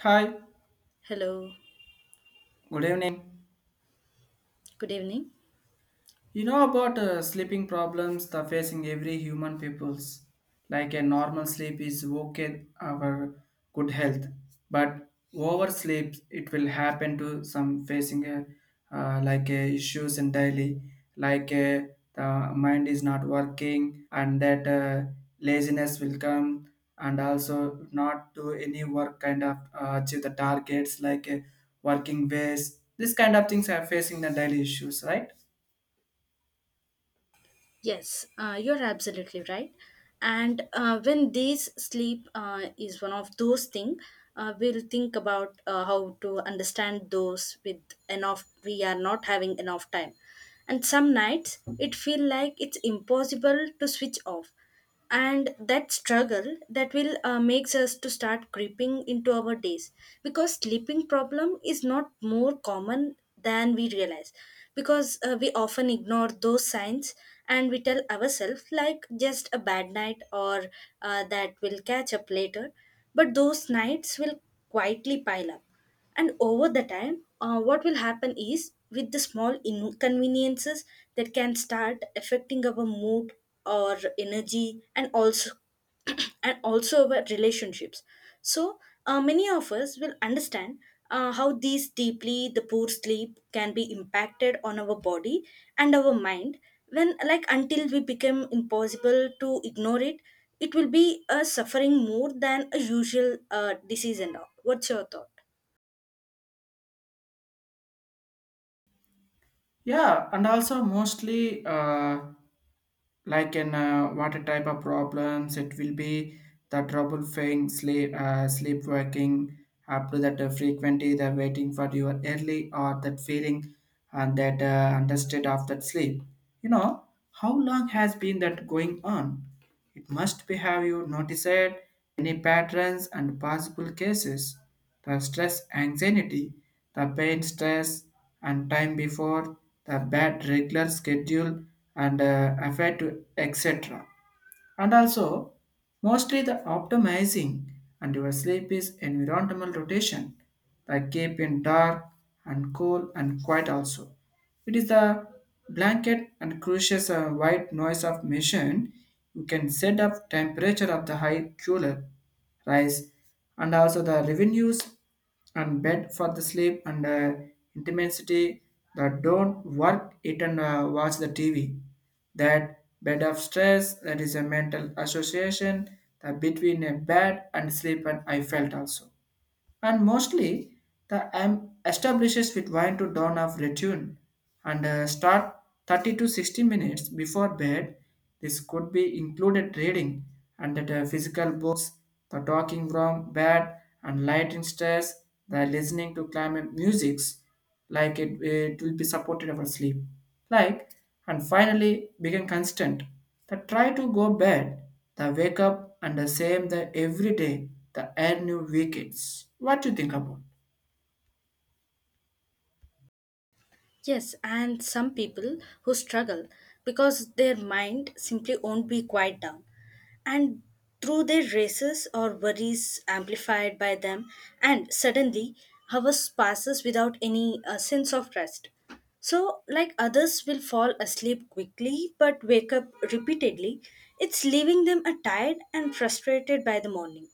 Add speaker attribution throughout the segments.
Speaker 1: Hi,
Speaker 2: Hello,
Speaker 1: good evening.
Speaker 2: good evening.
Speaker 1: You know about sleeping problems that facing every human peoples. Like a normal sleep is okay our good health, but oversleep it will happen to some facing a, like a issues in daily, like a, the mind is not working and that laziness will come and also not do any work kind of achieve the targets like working ways. This kind of things are facing the daily issues, right?
Speaker 2: Yes, you're absolutely right. And when days sleep is one of those things, we'll think about how to understand those with enough. We are not having enough time, and some nights it feel like it's impossible to switch off. And that struggle that will makes us to start creeping into our days because sleeping problem is not more common than we realize because we often ignore those signs and we tell ourselves like just a bad night or that will catch up later but those nights will quietly pile up and over the time, what will happen is with the small inconveniences that can start affecting our mood or energy and also and also our relationships. So many of us will understand how these deeply the poor sleep can be impacted on our body and our mind when like until we become impossible to ignore it it will be a suffering more than a usual disease and all. What's your thought?
Speaker 1: Yeah, and also mostly like in what type of problems it will be the trouble thing, sleep, working up to that frequency, the waiting for your early or that feeling and that understood of that sleep. You know how long has been that going on? It must be have you noticed any patterns and possible cases, the stress anxiety, the pain stress and time before, the bad regular schedule and affect etc. And also mostly the optimizing and your sleep is environmental rotation like keep in dark and cool and quiet, also it is the blanket and crucial white noise of machine, you can set up temperature of the high cooler rise and also the revenues and bed for the sleep and intensity, that don't work eat and watch the tv, that bed of stress that is a mental association that between a bed and sleep and I felt also. And mostly the m establishes with wine to dawn of return, and start 30 to 60 minutes before bed. This could be included reading and that physical books, the talking from bed and light in stress, the listening to climate musics, like it will be supported our sleep, like, and finally become constant, the try to go bed, the wake up and the same the every day the end new weekends. What do you think about?
Speaker 2: Yes, and some people who struggle because their mind simply won't be quiet down. And through their races or worries amplified by them, and suddenly hours passes without any sense of rest. So, like others will fall asleep quickly but wake up repeatedly, it's leaving them tired and frustrated by the morning.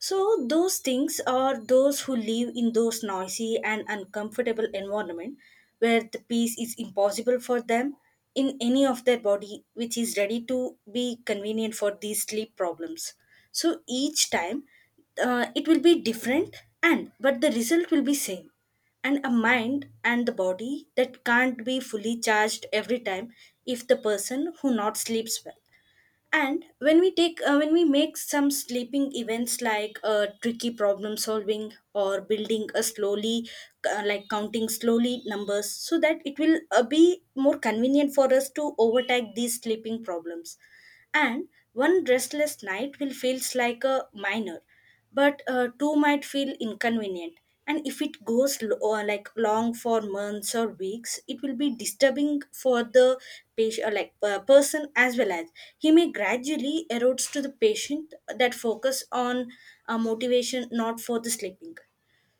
Speaker 2: So those things are those who live in those noisy and uncomfortable environment where the peace is impossible for them in any of their body which is ready to be convenient for these sleep problems. So each time it will be different and but the result will be same and a mind and the body that can't be fully charged every time if the person who not sleeps well and when we take when we make some sleeping events like tricky problem solving or building a slowly like counting slowly numbers so that it will be more convenient for us to overtake these sleeping problems and one restless night will feels like a minor but two might feel inconvenient and if it goes or like long for months or weeks it will be disturbing for the patient or like person as well as he may gradually erodes to the patient that focus on motivation not for the sleeping.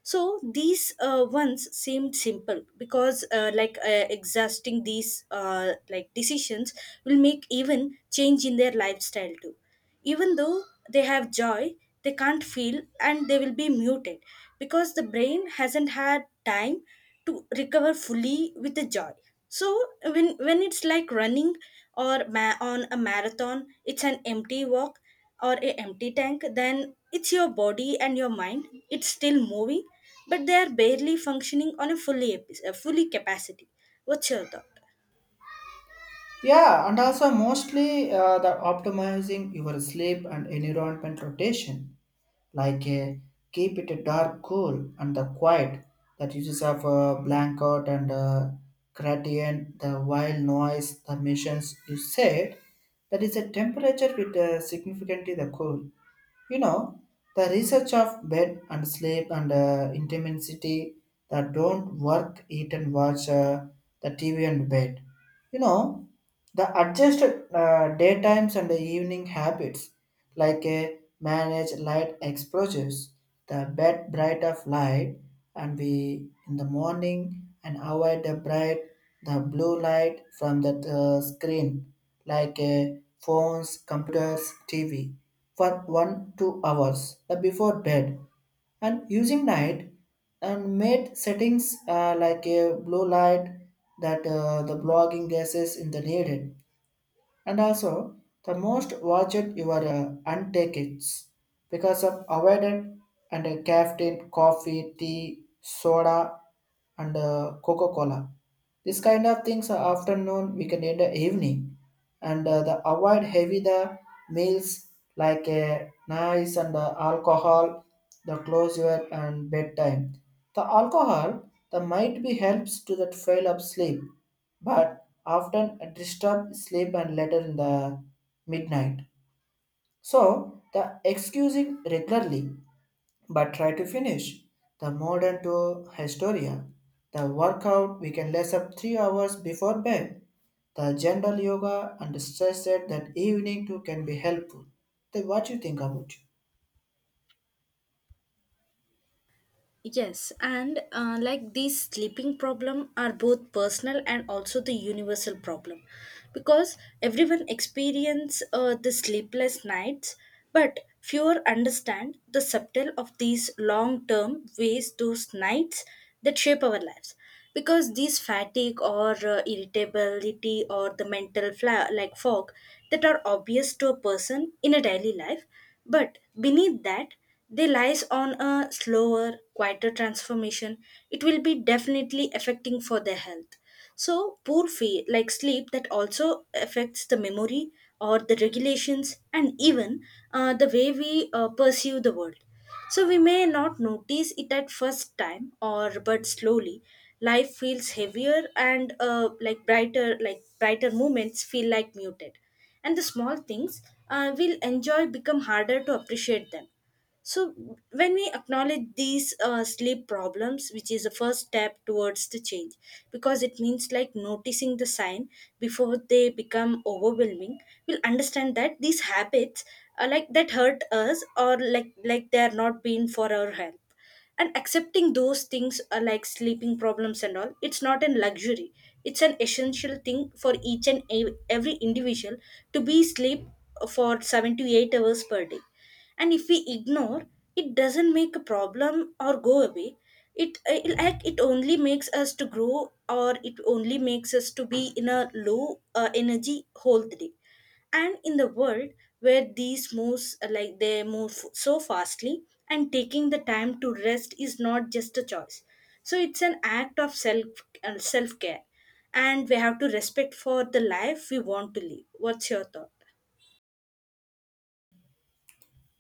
Speaker 2: So these ones seemed simple because like exhausting these like decisions will make even change in their lifestyle too even though they have joy they can't feel and they will be muted because the brain hasn't had time to recover fully with the joy. So when it's like running or on a marathon it's an empty walk or a empty tank then it's your body and your mind it's still moving but they are barely functioning on a fully capacity. What's your thought?
Speaker 1: Yeah, and also mostly the optimizing your sleep and environment rotation, like keep it dark, cool, and the quiet, that uses of a blanket and a gradient, the wild noise, the missions you said, that is a temperature with significantly the cool. You know, the research of bed and sleep and intensity, that don't work, eat and watch the TV and bed. You know, the adjusted daytimes and the evening habits, like a managed light exposures, the bed bright of light, and we in the morning and avoid the bright the blue light from the screen, like a phones, computers, TV, for 1 2 hours the before bed and using night and made settings like a blue light, that the blogging gases in the needed. And also the most watched your untakits because of avoided and a caffeine coffee tea soda and coca-cola, this kind of things are afternoon we can end the evening and the avoid heavy the meals like a nice and alcohol the closure and bedtime. The alcohol the might be helps to that fail of sleep, but often disturb sleep and later in the midnight. So the excusing regularly, but try to finish. The modern to historia, the workout we can less up 3 hours before bed. The general yoga and stress that that evening too can be helpful. Then what you think about it?
Speaker 2: Yes, and like these sleeping problem are both personal and also the universal problem because everyone experience the sleepless nights but fewer understand the subtle of these long term ways those nights that shape our lives because these fatigue or irritability or the mental like fog that are obvious to a person in a daily life but beneath that they lies on a slower quieter transformation it will be definitely affecting for their health. So poor fe like sleep that also affects the memory or the regulations and even the way we perceive the world. So we may not notice it at first time or but slowly life feels heavier and like brighter moments feel like muted and the small things we'll enjoy become harder to appreciate them. So, when we acknowledge these sleep problems, which is the first step towards the change, because it means like noticing the sign before they become overwhelming, we'll understand that these habits are like that hurt us or like they are not being for our help. And accepting those things are like sleeping problems and all. It's not a luxury. It's an essential thing for each and every individual to be sleep for 7 to 8 hours per day and if we ignore it doesn't make a problem or go away it like it only makes us to grow or it only makes us to be in a low energy whole day and in the world where these moves like they move so fastly and taking the time to rest is not just a choice so it's an act of self care and we have to respect for the life we want to live. What's your thought?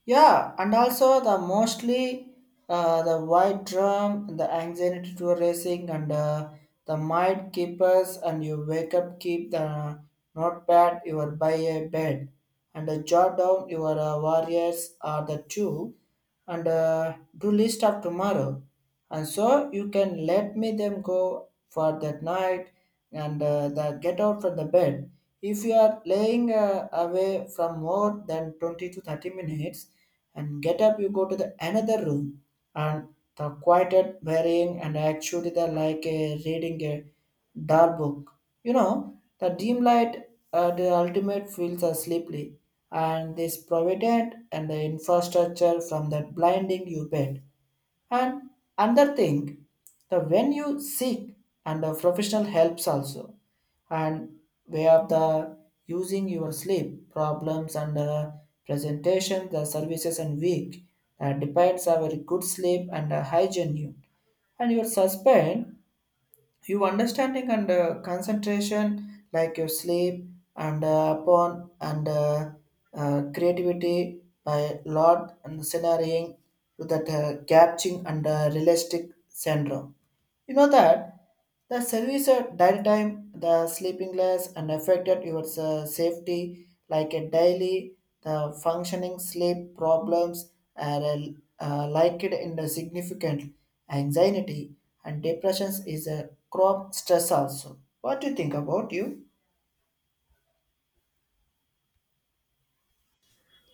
Speaker 1: Yeah, and also the mostly the white drum, the anxiety to racing, and the mind keepers, and you wake up, keep the notepad, you are by a bed, and jot down your warriors are the two, and do list of tomorrow and so you can let me them go for that night and the get out from the bed if you are laying away from more than 20 to 30 minutes and get up you go to the another room and the quieted wearing and actually the like a reading a dark book, you know, the dim light, the ultimate feels are sleepy and this provident and the infrastructure from that blinding you bed. And another thing, the when you seek and the professional helps also, and where the using your sleep problems and presentation, the services and week that depends on very good sleep and hygiene you and your suspend, you understanding and concentration like your sleep and upon and creativity by lot and scenarioing to that catching and realistic syndrome, you know that the service at that time, the sleeping less and affected your safety like a daily, the functioning sleep problems are liked in the significant anxiety and depressions is a crop stress also. What do you think about you?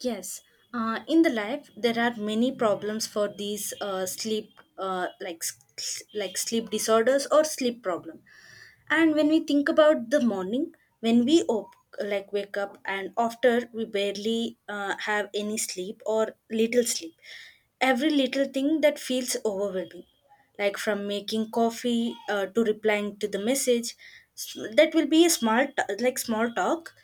Speaker 2: Yes, in the life there are many problems for these sleep, like like sleep disorders or sleep problem. And when we think about the morning, when we like wake up and after we barely have any sleep or little sleep, every little thing that feels overwhelming, like from making coffee to replying to the message, that will be a like small talk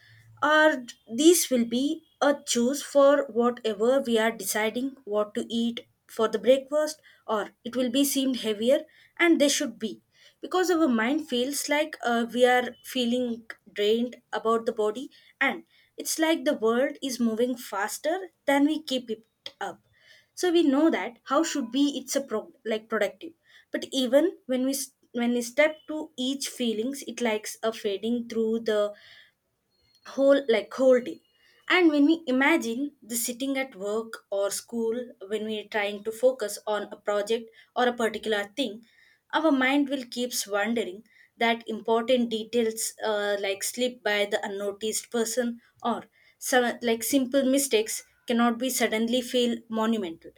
Speaker 2: or these will be a choose for whatever we are deciding what to eat for the breakfast, or it will be seemed heavier, and they should be because our mind feels like we are feeling drained about the body, and it's like the world is moving faster than we keep it up. So we know that how should be it's a like productive, but even when when we step to each feelings, it likes a fading through the whole day and when we imagine the sitting at work or school when we're trying to focus on a project or a particular thing our mind will keeps wondering that important details like slip by the unnoticed person or some like simple mistakes cannot be suddenly feel monumental.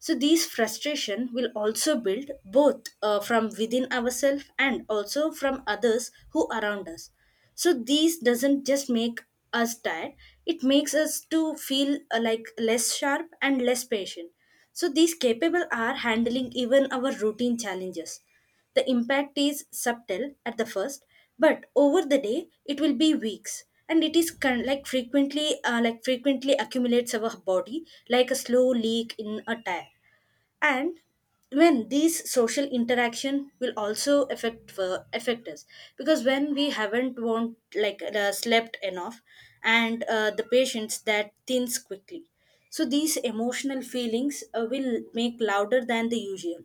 Speaker 2: So these frustration will also build both from within ourselves and also from others who around us. So these doesn't just make us tired it makes us to feel like less sharp and less patient. So these capable are handling even our routine challenges the impact is subtle at the first but over the day it will be weeks and it is like frequently frequently accumulates our body like a slow leak in a tire. And when these social interaction will also affect for affect us because when we haven't won't like slept enough and the patients that thins quickly so these emotional feelings will make louder than the usual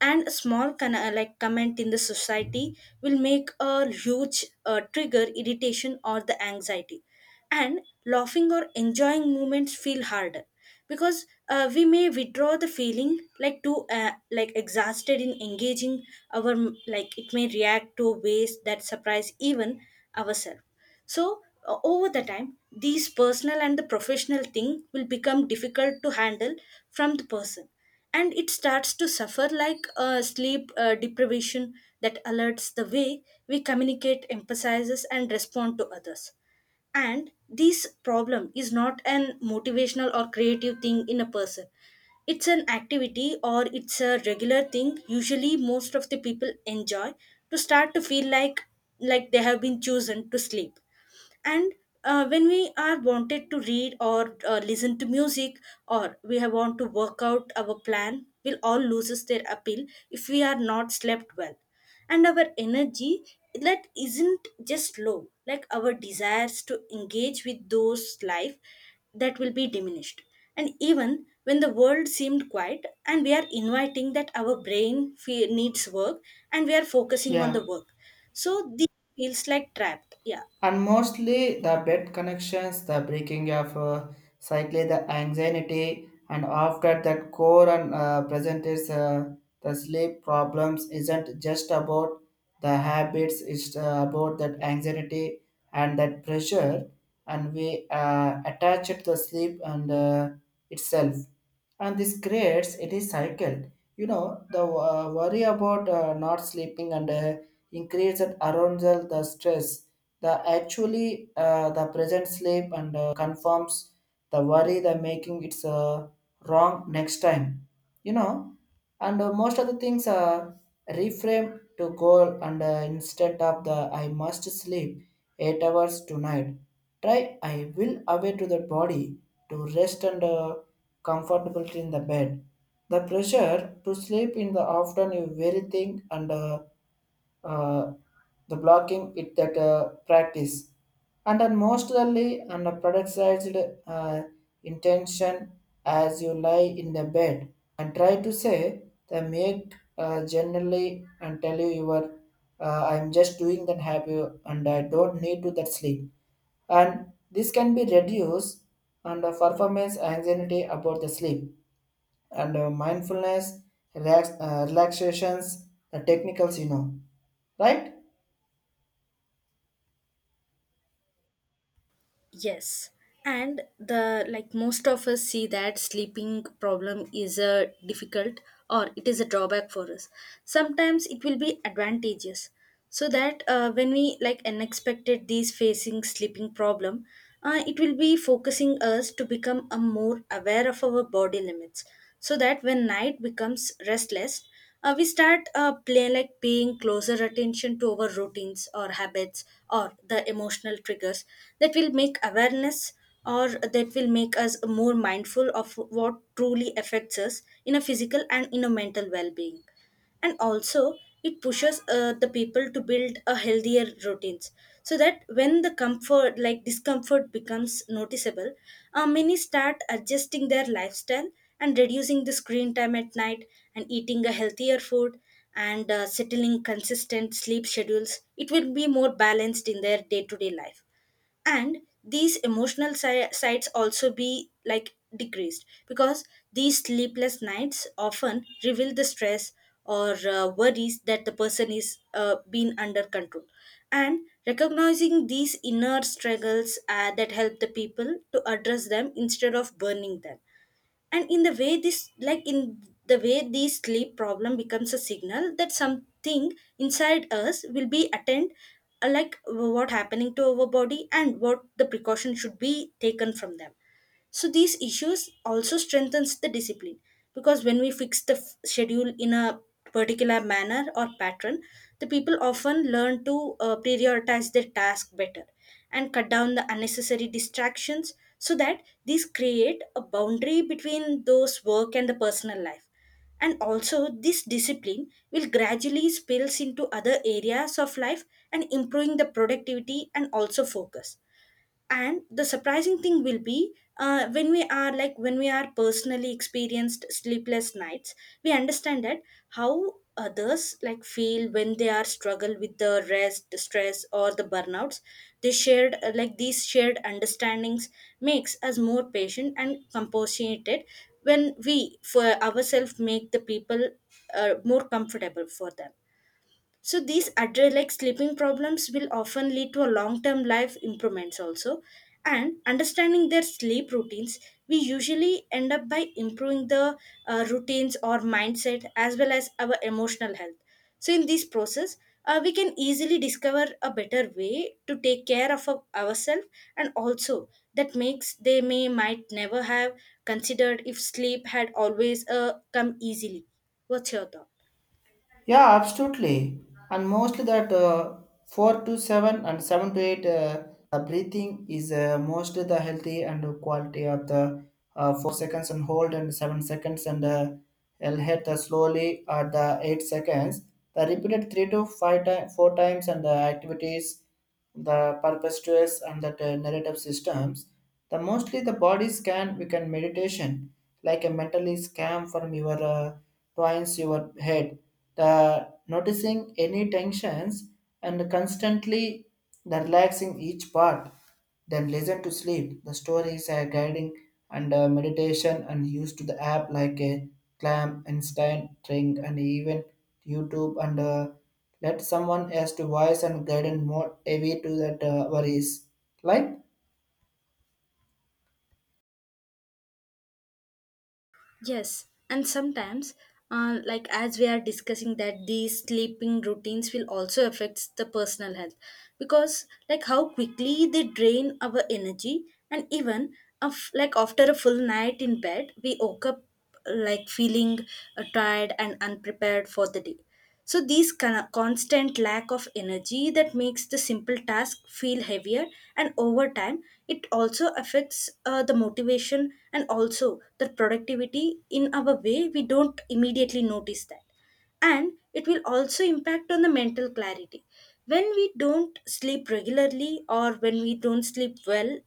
Speaker 2: and a small like comment in the society will make a huge trigger irritation or the anxiety and laughing or enjoying moments feel harder because we may withdraw the feeling like too like exhausted in engaging our like it may react to ways that surprise even ourselves. So over the time these personal and the professional thing will become difficult to handle from the person and it starts to suffer like a sleep deprivation that alerts the way we communicate emphasizes and respond to others and this problem is not an motivational or creative thing in a person it's an activity or it's a regular thing usually most of the people enjoy to start to feel like they have been chosen to sleep. And when we are wanted to read or listen to music or we have want to work out our plan will all loses their appeal if we are not slept well and our energy that isn't just low like our desires to engage with those life that will be diminished and even when the world seemed quiet and we are inviting that our brain needs work and we are focusing on the
Speaker 1: Yeah.
Speaker 2: work so this feels like trapped, yeah.
Speaker 1: And mostly the bed connections, the breaking of slightly the anxiety, and after that core and present is the sleep problems isn't just about the habits, it's about that anxiety and that pressure, and we attach it to the sleep and itself, and this creates it is cycle. You know the worry about not sleeping and increase that arousal, the stress the actually the present sleep and confirms the worry the making it's wrong next time, you know. And most of the things are reframe to goal and instead of the I must sleep 8 hours tonight, try, I will away to the body to rest and comfortability in the bed, the pressure to sleep in the afternoon you very thing, and uh, the blocking it that practice. And then mostly on a productized intention, as you lie in the bed and try to say the make generally and tell you your I'm just doing that happy and I don't need to that sleep. And this can be reduced and the performance anxiety about the sleep and mindfulness, relax, relaxations, the technicals, you know, right?
Speaker 2: Yes. And the like most of us see that sleeping problem is a difficult or it is a drawback for us. Sometimes it will be advantageous. So that when we like unexpected these facing sleeping problem, it will be focusing us to become a more aware of our body limits. So that when night becomes restless, we start play, like paying closer attention to our routines or habits or the emotional triggers that will make awareness or that will make us more mindful of what truly affects us in a physical and in a mental well-being, and also it pushes the people to build a healthier routines. So that when the comfort like discomfort becomes noticeable, many start adjusting their lifestyle and reducing the screen time at night and eating a healthier food and settling consistent sleep schedules, it will be more balanced in their day-to-day life. And these emotional sides also be like decreased, because these sleepless nights often reveal the stress or worries that the person is being under control. And recognizing these inner struggles that help the people to address them instead of burning them. And in the way this sleep problem becomes a signal that something inside us will be attend, like what happening to our body and what the precaution should be taken from them. So these issues also strengthens the discipline, because when we fix the schedule in a particular manner or pattern, the people often learn to prioritize their task better and cut down the unnecessary distractions, so that these create a boundary between those work and the personal life. And also this discipline will gradually spills into other areas of life and improving the productivity and also focus. And the surprising thing will be, when we are personally experienced sleepless nights, we understand that how others like feel when they are struggle with the rest the stress or the burnouts. They shared uh, like these shared understandings makes us more patient and compassionate, when we for ourselves make the people more comfortable for them. So these address like sleeping problems will often lead to a long-term life improvements also. And understanding their sleep routines, we usually end up by improving the routines or mindset as well as our emotional health. So in this process, we can easily discover a better way to take care of ourselves, and also that makes they may might never have considered if sleep had always come easily. What's your thought?
Speaker 1: Yeah, absolutely. And mostly that four to seven and seven to eight breathing is mostly the healthy and the quality of the 4 seconds and hold and 7 seconds and I'll hit the slowly at the 8 seconds. The repeated three to five four times and the activities the perpetuates and the narrative systems, the mostly the body scan we can meditation, like a mentally scan from your twines your head, the noticing any tensions and constantly the relaxing each part, then listen to sleep. The stories are guiding and meditation and used to the app like a clam, Einstein, Ring, and even YouTube and let someone else to voice and guidance more heavy to that worries. Like,
Speaker 2: Yes, and sometimes, like as we are discussing that these sleeping routines will also affect the personal health, because like how quickly they drain our energy, and even of like after a full night in bed we woke up like feeling tired and unprepared for the day. So, these constant lack of energy that makes the simple task feel heavier, and over time, it also affects the motivation and also the productivity in our way. We don't immediately notice that, and it will also impact on the mental clarity. When we don't sleep regularly or when we don't sleep well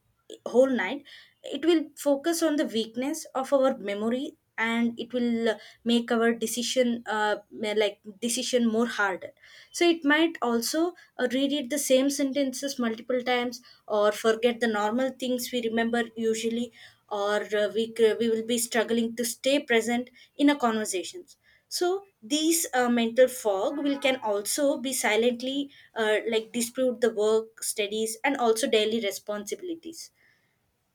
Speaker 2: whole night, it will focus on the weakness of our memory, and it will make our decision decision more harder. So it might also reread the same sentences multiple times, or forget the normal things we remember usually, or we will be struggling to stay present in a conversations. So these mental fog will can also be silently like dispute the work studies and also daily responsibilities.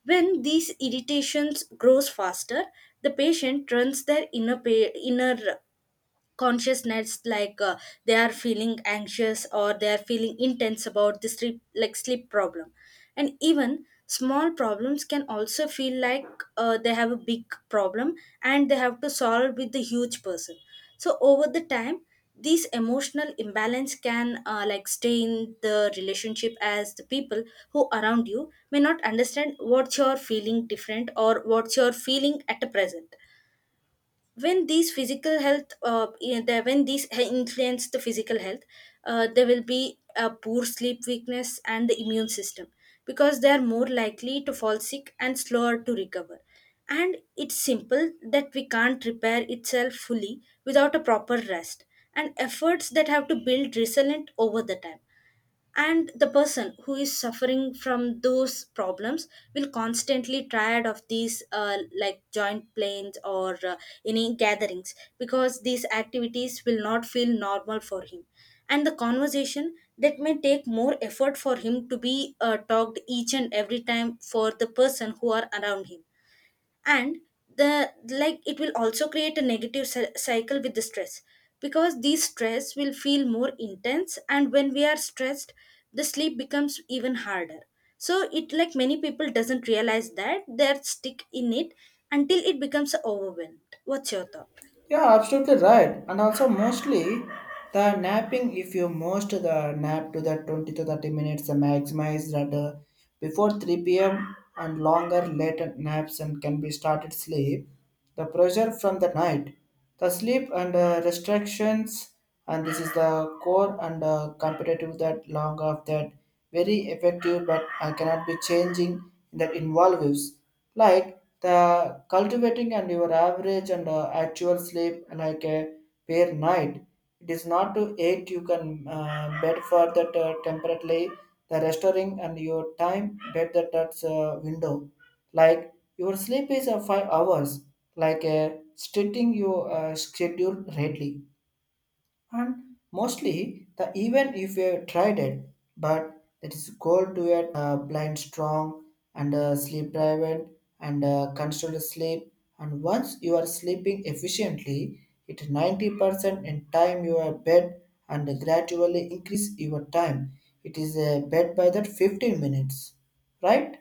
Speaker 2: When these irritations grows faster, the patient runs their inner consciousness, they are feeling anxious or they are feeling intense about this sleep problem. And even small problems can also feel like they have a big problem and they have to solve with the huge person. So over the time, these emotional imbalance can like stay in the relationship, as the people who around you may not understand what you're feeling different or what you're feeling at the present. When these physical health you know, the- when these he- influence the physical health, there will be a poor sleep weakness and the immune system, because they are more likely to fall sick and slower to recover. And it's simple that we can't repair itself fully without a proper rest, and efforts that have to build resilient over the time. And the person who is suffering from those problems will constantly tired of these like joint planes or any gatherings, because these activities will not feel normal for him, and the conversation that may take more effort for him to be talked each and every time for the person who are around him. And the like it will also create a negative cycle with the stress, because these stress will feel more intense, and when we are stressed the sleep becomes even harder. So it like many people doesn't realize that they're stick in it until it becomes overwhelmed. What's your thought?
Speaker 1: yeah, absolutely right. And also mostly the napping, if you most the nap to the 20 to 30 minutes, the maximize that before 3 p.m. and longer later naps and can be started sleep. The pressure from the night, the sleep and restrictions, and this is the core and competitive that long of that very effective, but I cannot be changing in that involves, like the cultivating and your average and actual sleep like a per night, it is not to eight, you can bed for that temporarily the restoring and your time bed that's window, like your sleep is 5 hours, like a stating your schedule readily. And mostly the even if you tried it, but it is gold to it blind strong and sleep driven and constant sleep, and once you are sleeping efficiently it 90% in time you are bed and gradually increase your time it is a bed by that 15 minutes, right?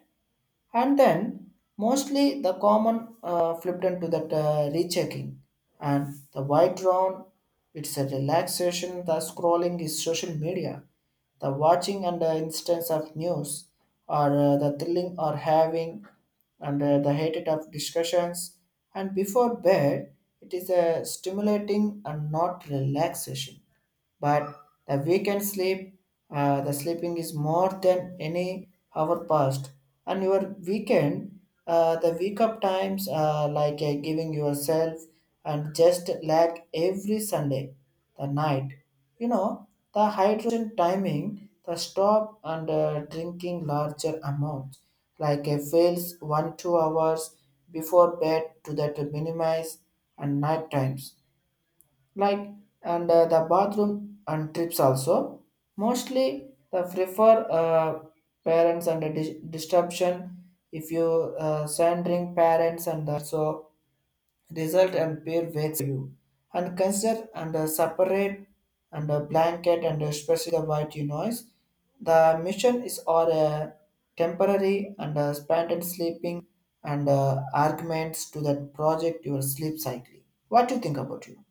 Speaker 1: And then mostly the common flipped into that rechecking and the white drawn, it's a relaxation, the scrolling is social media, the watching and the instance of news or the thrilling or having and the hated of discussions, and before bed it is a stimulating and not relaxation. But the weekend sleep, the sleeping is more than any hour past. And your weekend, the wake up times, like giving yourself and just like every Sunday, the night, you know, the hydration timing, the stop and drinking larger amounts, like a fails 1 2 hours before bed to that minimize and night times, like, and the bathroom and trips also mostly the prefer parents and the disruption, if you sending parents and also result and peer waits you and consider and separate and a blanket and especially the white noise the mission is or a temporary and spanted sleeping and arguments to that project your sleep cycle. What do you think about you?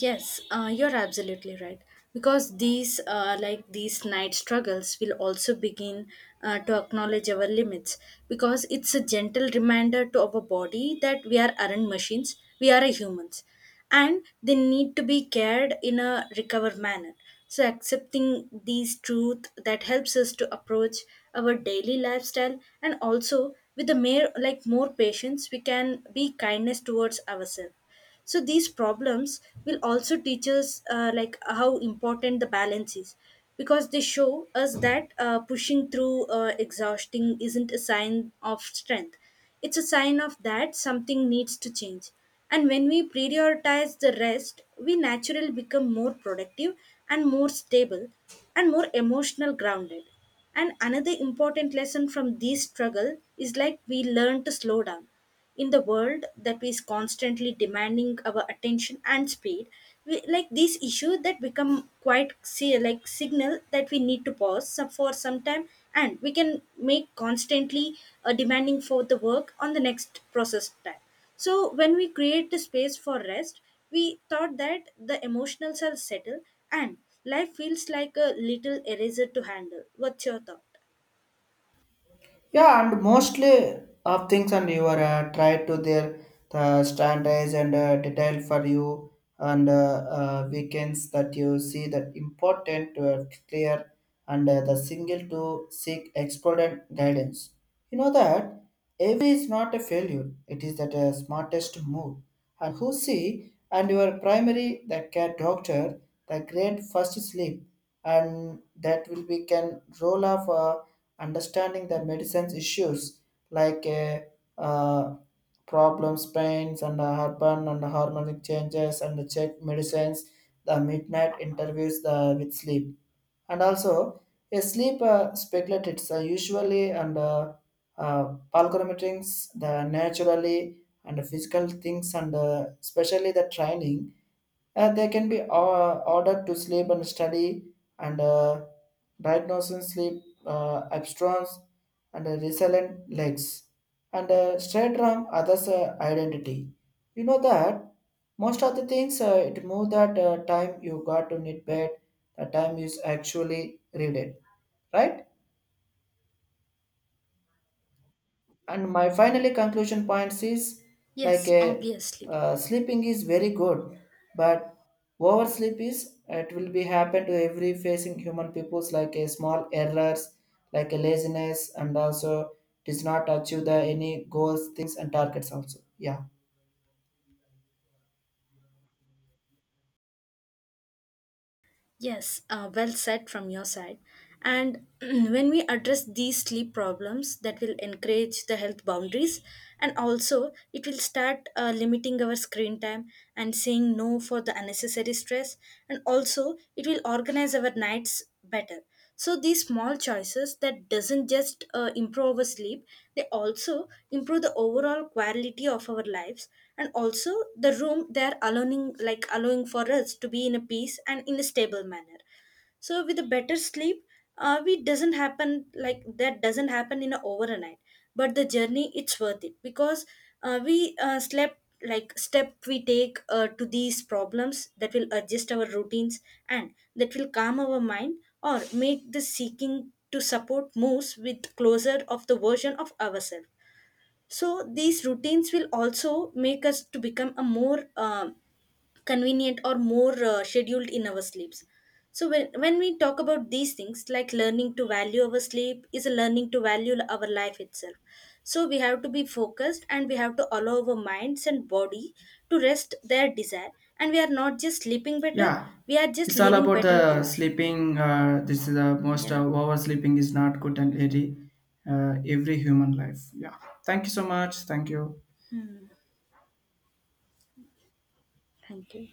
Speaker 2: Yes, you're absolutely right. Because these, like these night struggles, will also begin to acknowledge our limits. Because it's a gentle reminder to our body that we are aren't machines; we are a humans, and they need to be cared in a recover manner. So accepting these truth that helps us to approach our daily lifestyle, and also with a mere like more patience, we can be kindness towards ourselves. So these problems will also teach us like how important the balance is, because they show us that pushing through exhausting isn't a sign of strength, it's a sign of that something needs to change. And when we prioritize the rest, we naturally become more productive and more stable and more emotional grounded. And another important lesson from this struggle is like we learn to slow down. In the world that is constantly demanding our attention and speed, we, like these issues that become quite see, like signal that we need to pause for some time. And we can make constantly demanding for the work on the next process time. So when we create the space for rest, we thought that the emotionals are settle, and life feels like a little eraser to handle. What's your thought?
Speaker 1: Yeah, and mostly of things and you are try to their the standards and detail for you and weekends that you see that important to have clear and the single to seek expert guidance. You know that every is not a failure. It is that smartest move. And who see and your primary the care doctor the great first sleep, and that will be can roll off understanding the medicines issues like uh, problems, pains, and urban and harmonic changes, and the check medicines, the midnight interviews the, with sleep. And also, a sleep speculates usually and palgramitings, the naturally and physical things, and especially the training, they can be ordered to sleep and study and diagnosing sleep abstracts and resilient legs and a straight from others' identity. You know that most of the things it move that time you got to knit bed, the time is actually read it, right? And my finally conclusion points is like
Speaker 2: Yes,
Speaker 1: a
Speaker 2: obviously.
Speaker 1: sleeping is very good, but oversleep is it will be happen to every facing human peoples like a small errors like a laziness and also does not achieve the any goals things and targets also, yeah.
Speaker 2: Yes, well said from your side. And when we address these sleep problems, that will encourage the health boundaries, and also it will start limiting our screen time and saying no for the unnecessary stress, and also it will organize our nights better. So these small choices that doesn't just improve our sleep, they also improve the overall quality of our lives. And also the room they are allowing for us to be in a peace and in a stable manner. So with a better sleep, we doesn't happen like that doesn't happen in a overnight, but the journey it's worth it, because we slept like step we take to these problems, that will adjust our routines and that will calm our mind, or make the seeking to support moves with closer of the version of ourselves. So these routines will also make us to become a more convenient or more scheduled in our sleeps. So when we talk about these things, like learning to value our sleep is a learning to value our life itself. So we have to be focused, and we have to allow our minds and body to rest their desire, and we are not just sleeping better,
Speaker 1: Yeah,
Speaker 2: we are just
Speaker 1: this all
Speaker 2: living
Speaker 1: about
Speaker 2: better to
Speaker 1: the
Speaker 2: life.
Speaker 1: sleeping. This is the most
Speaker 2: Yeah,
Speaker 1: oversleeping is not good and every human life. Yeah, thank you so much. Thank you.
Speaker 2: thank you.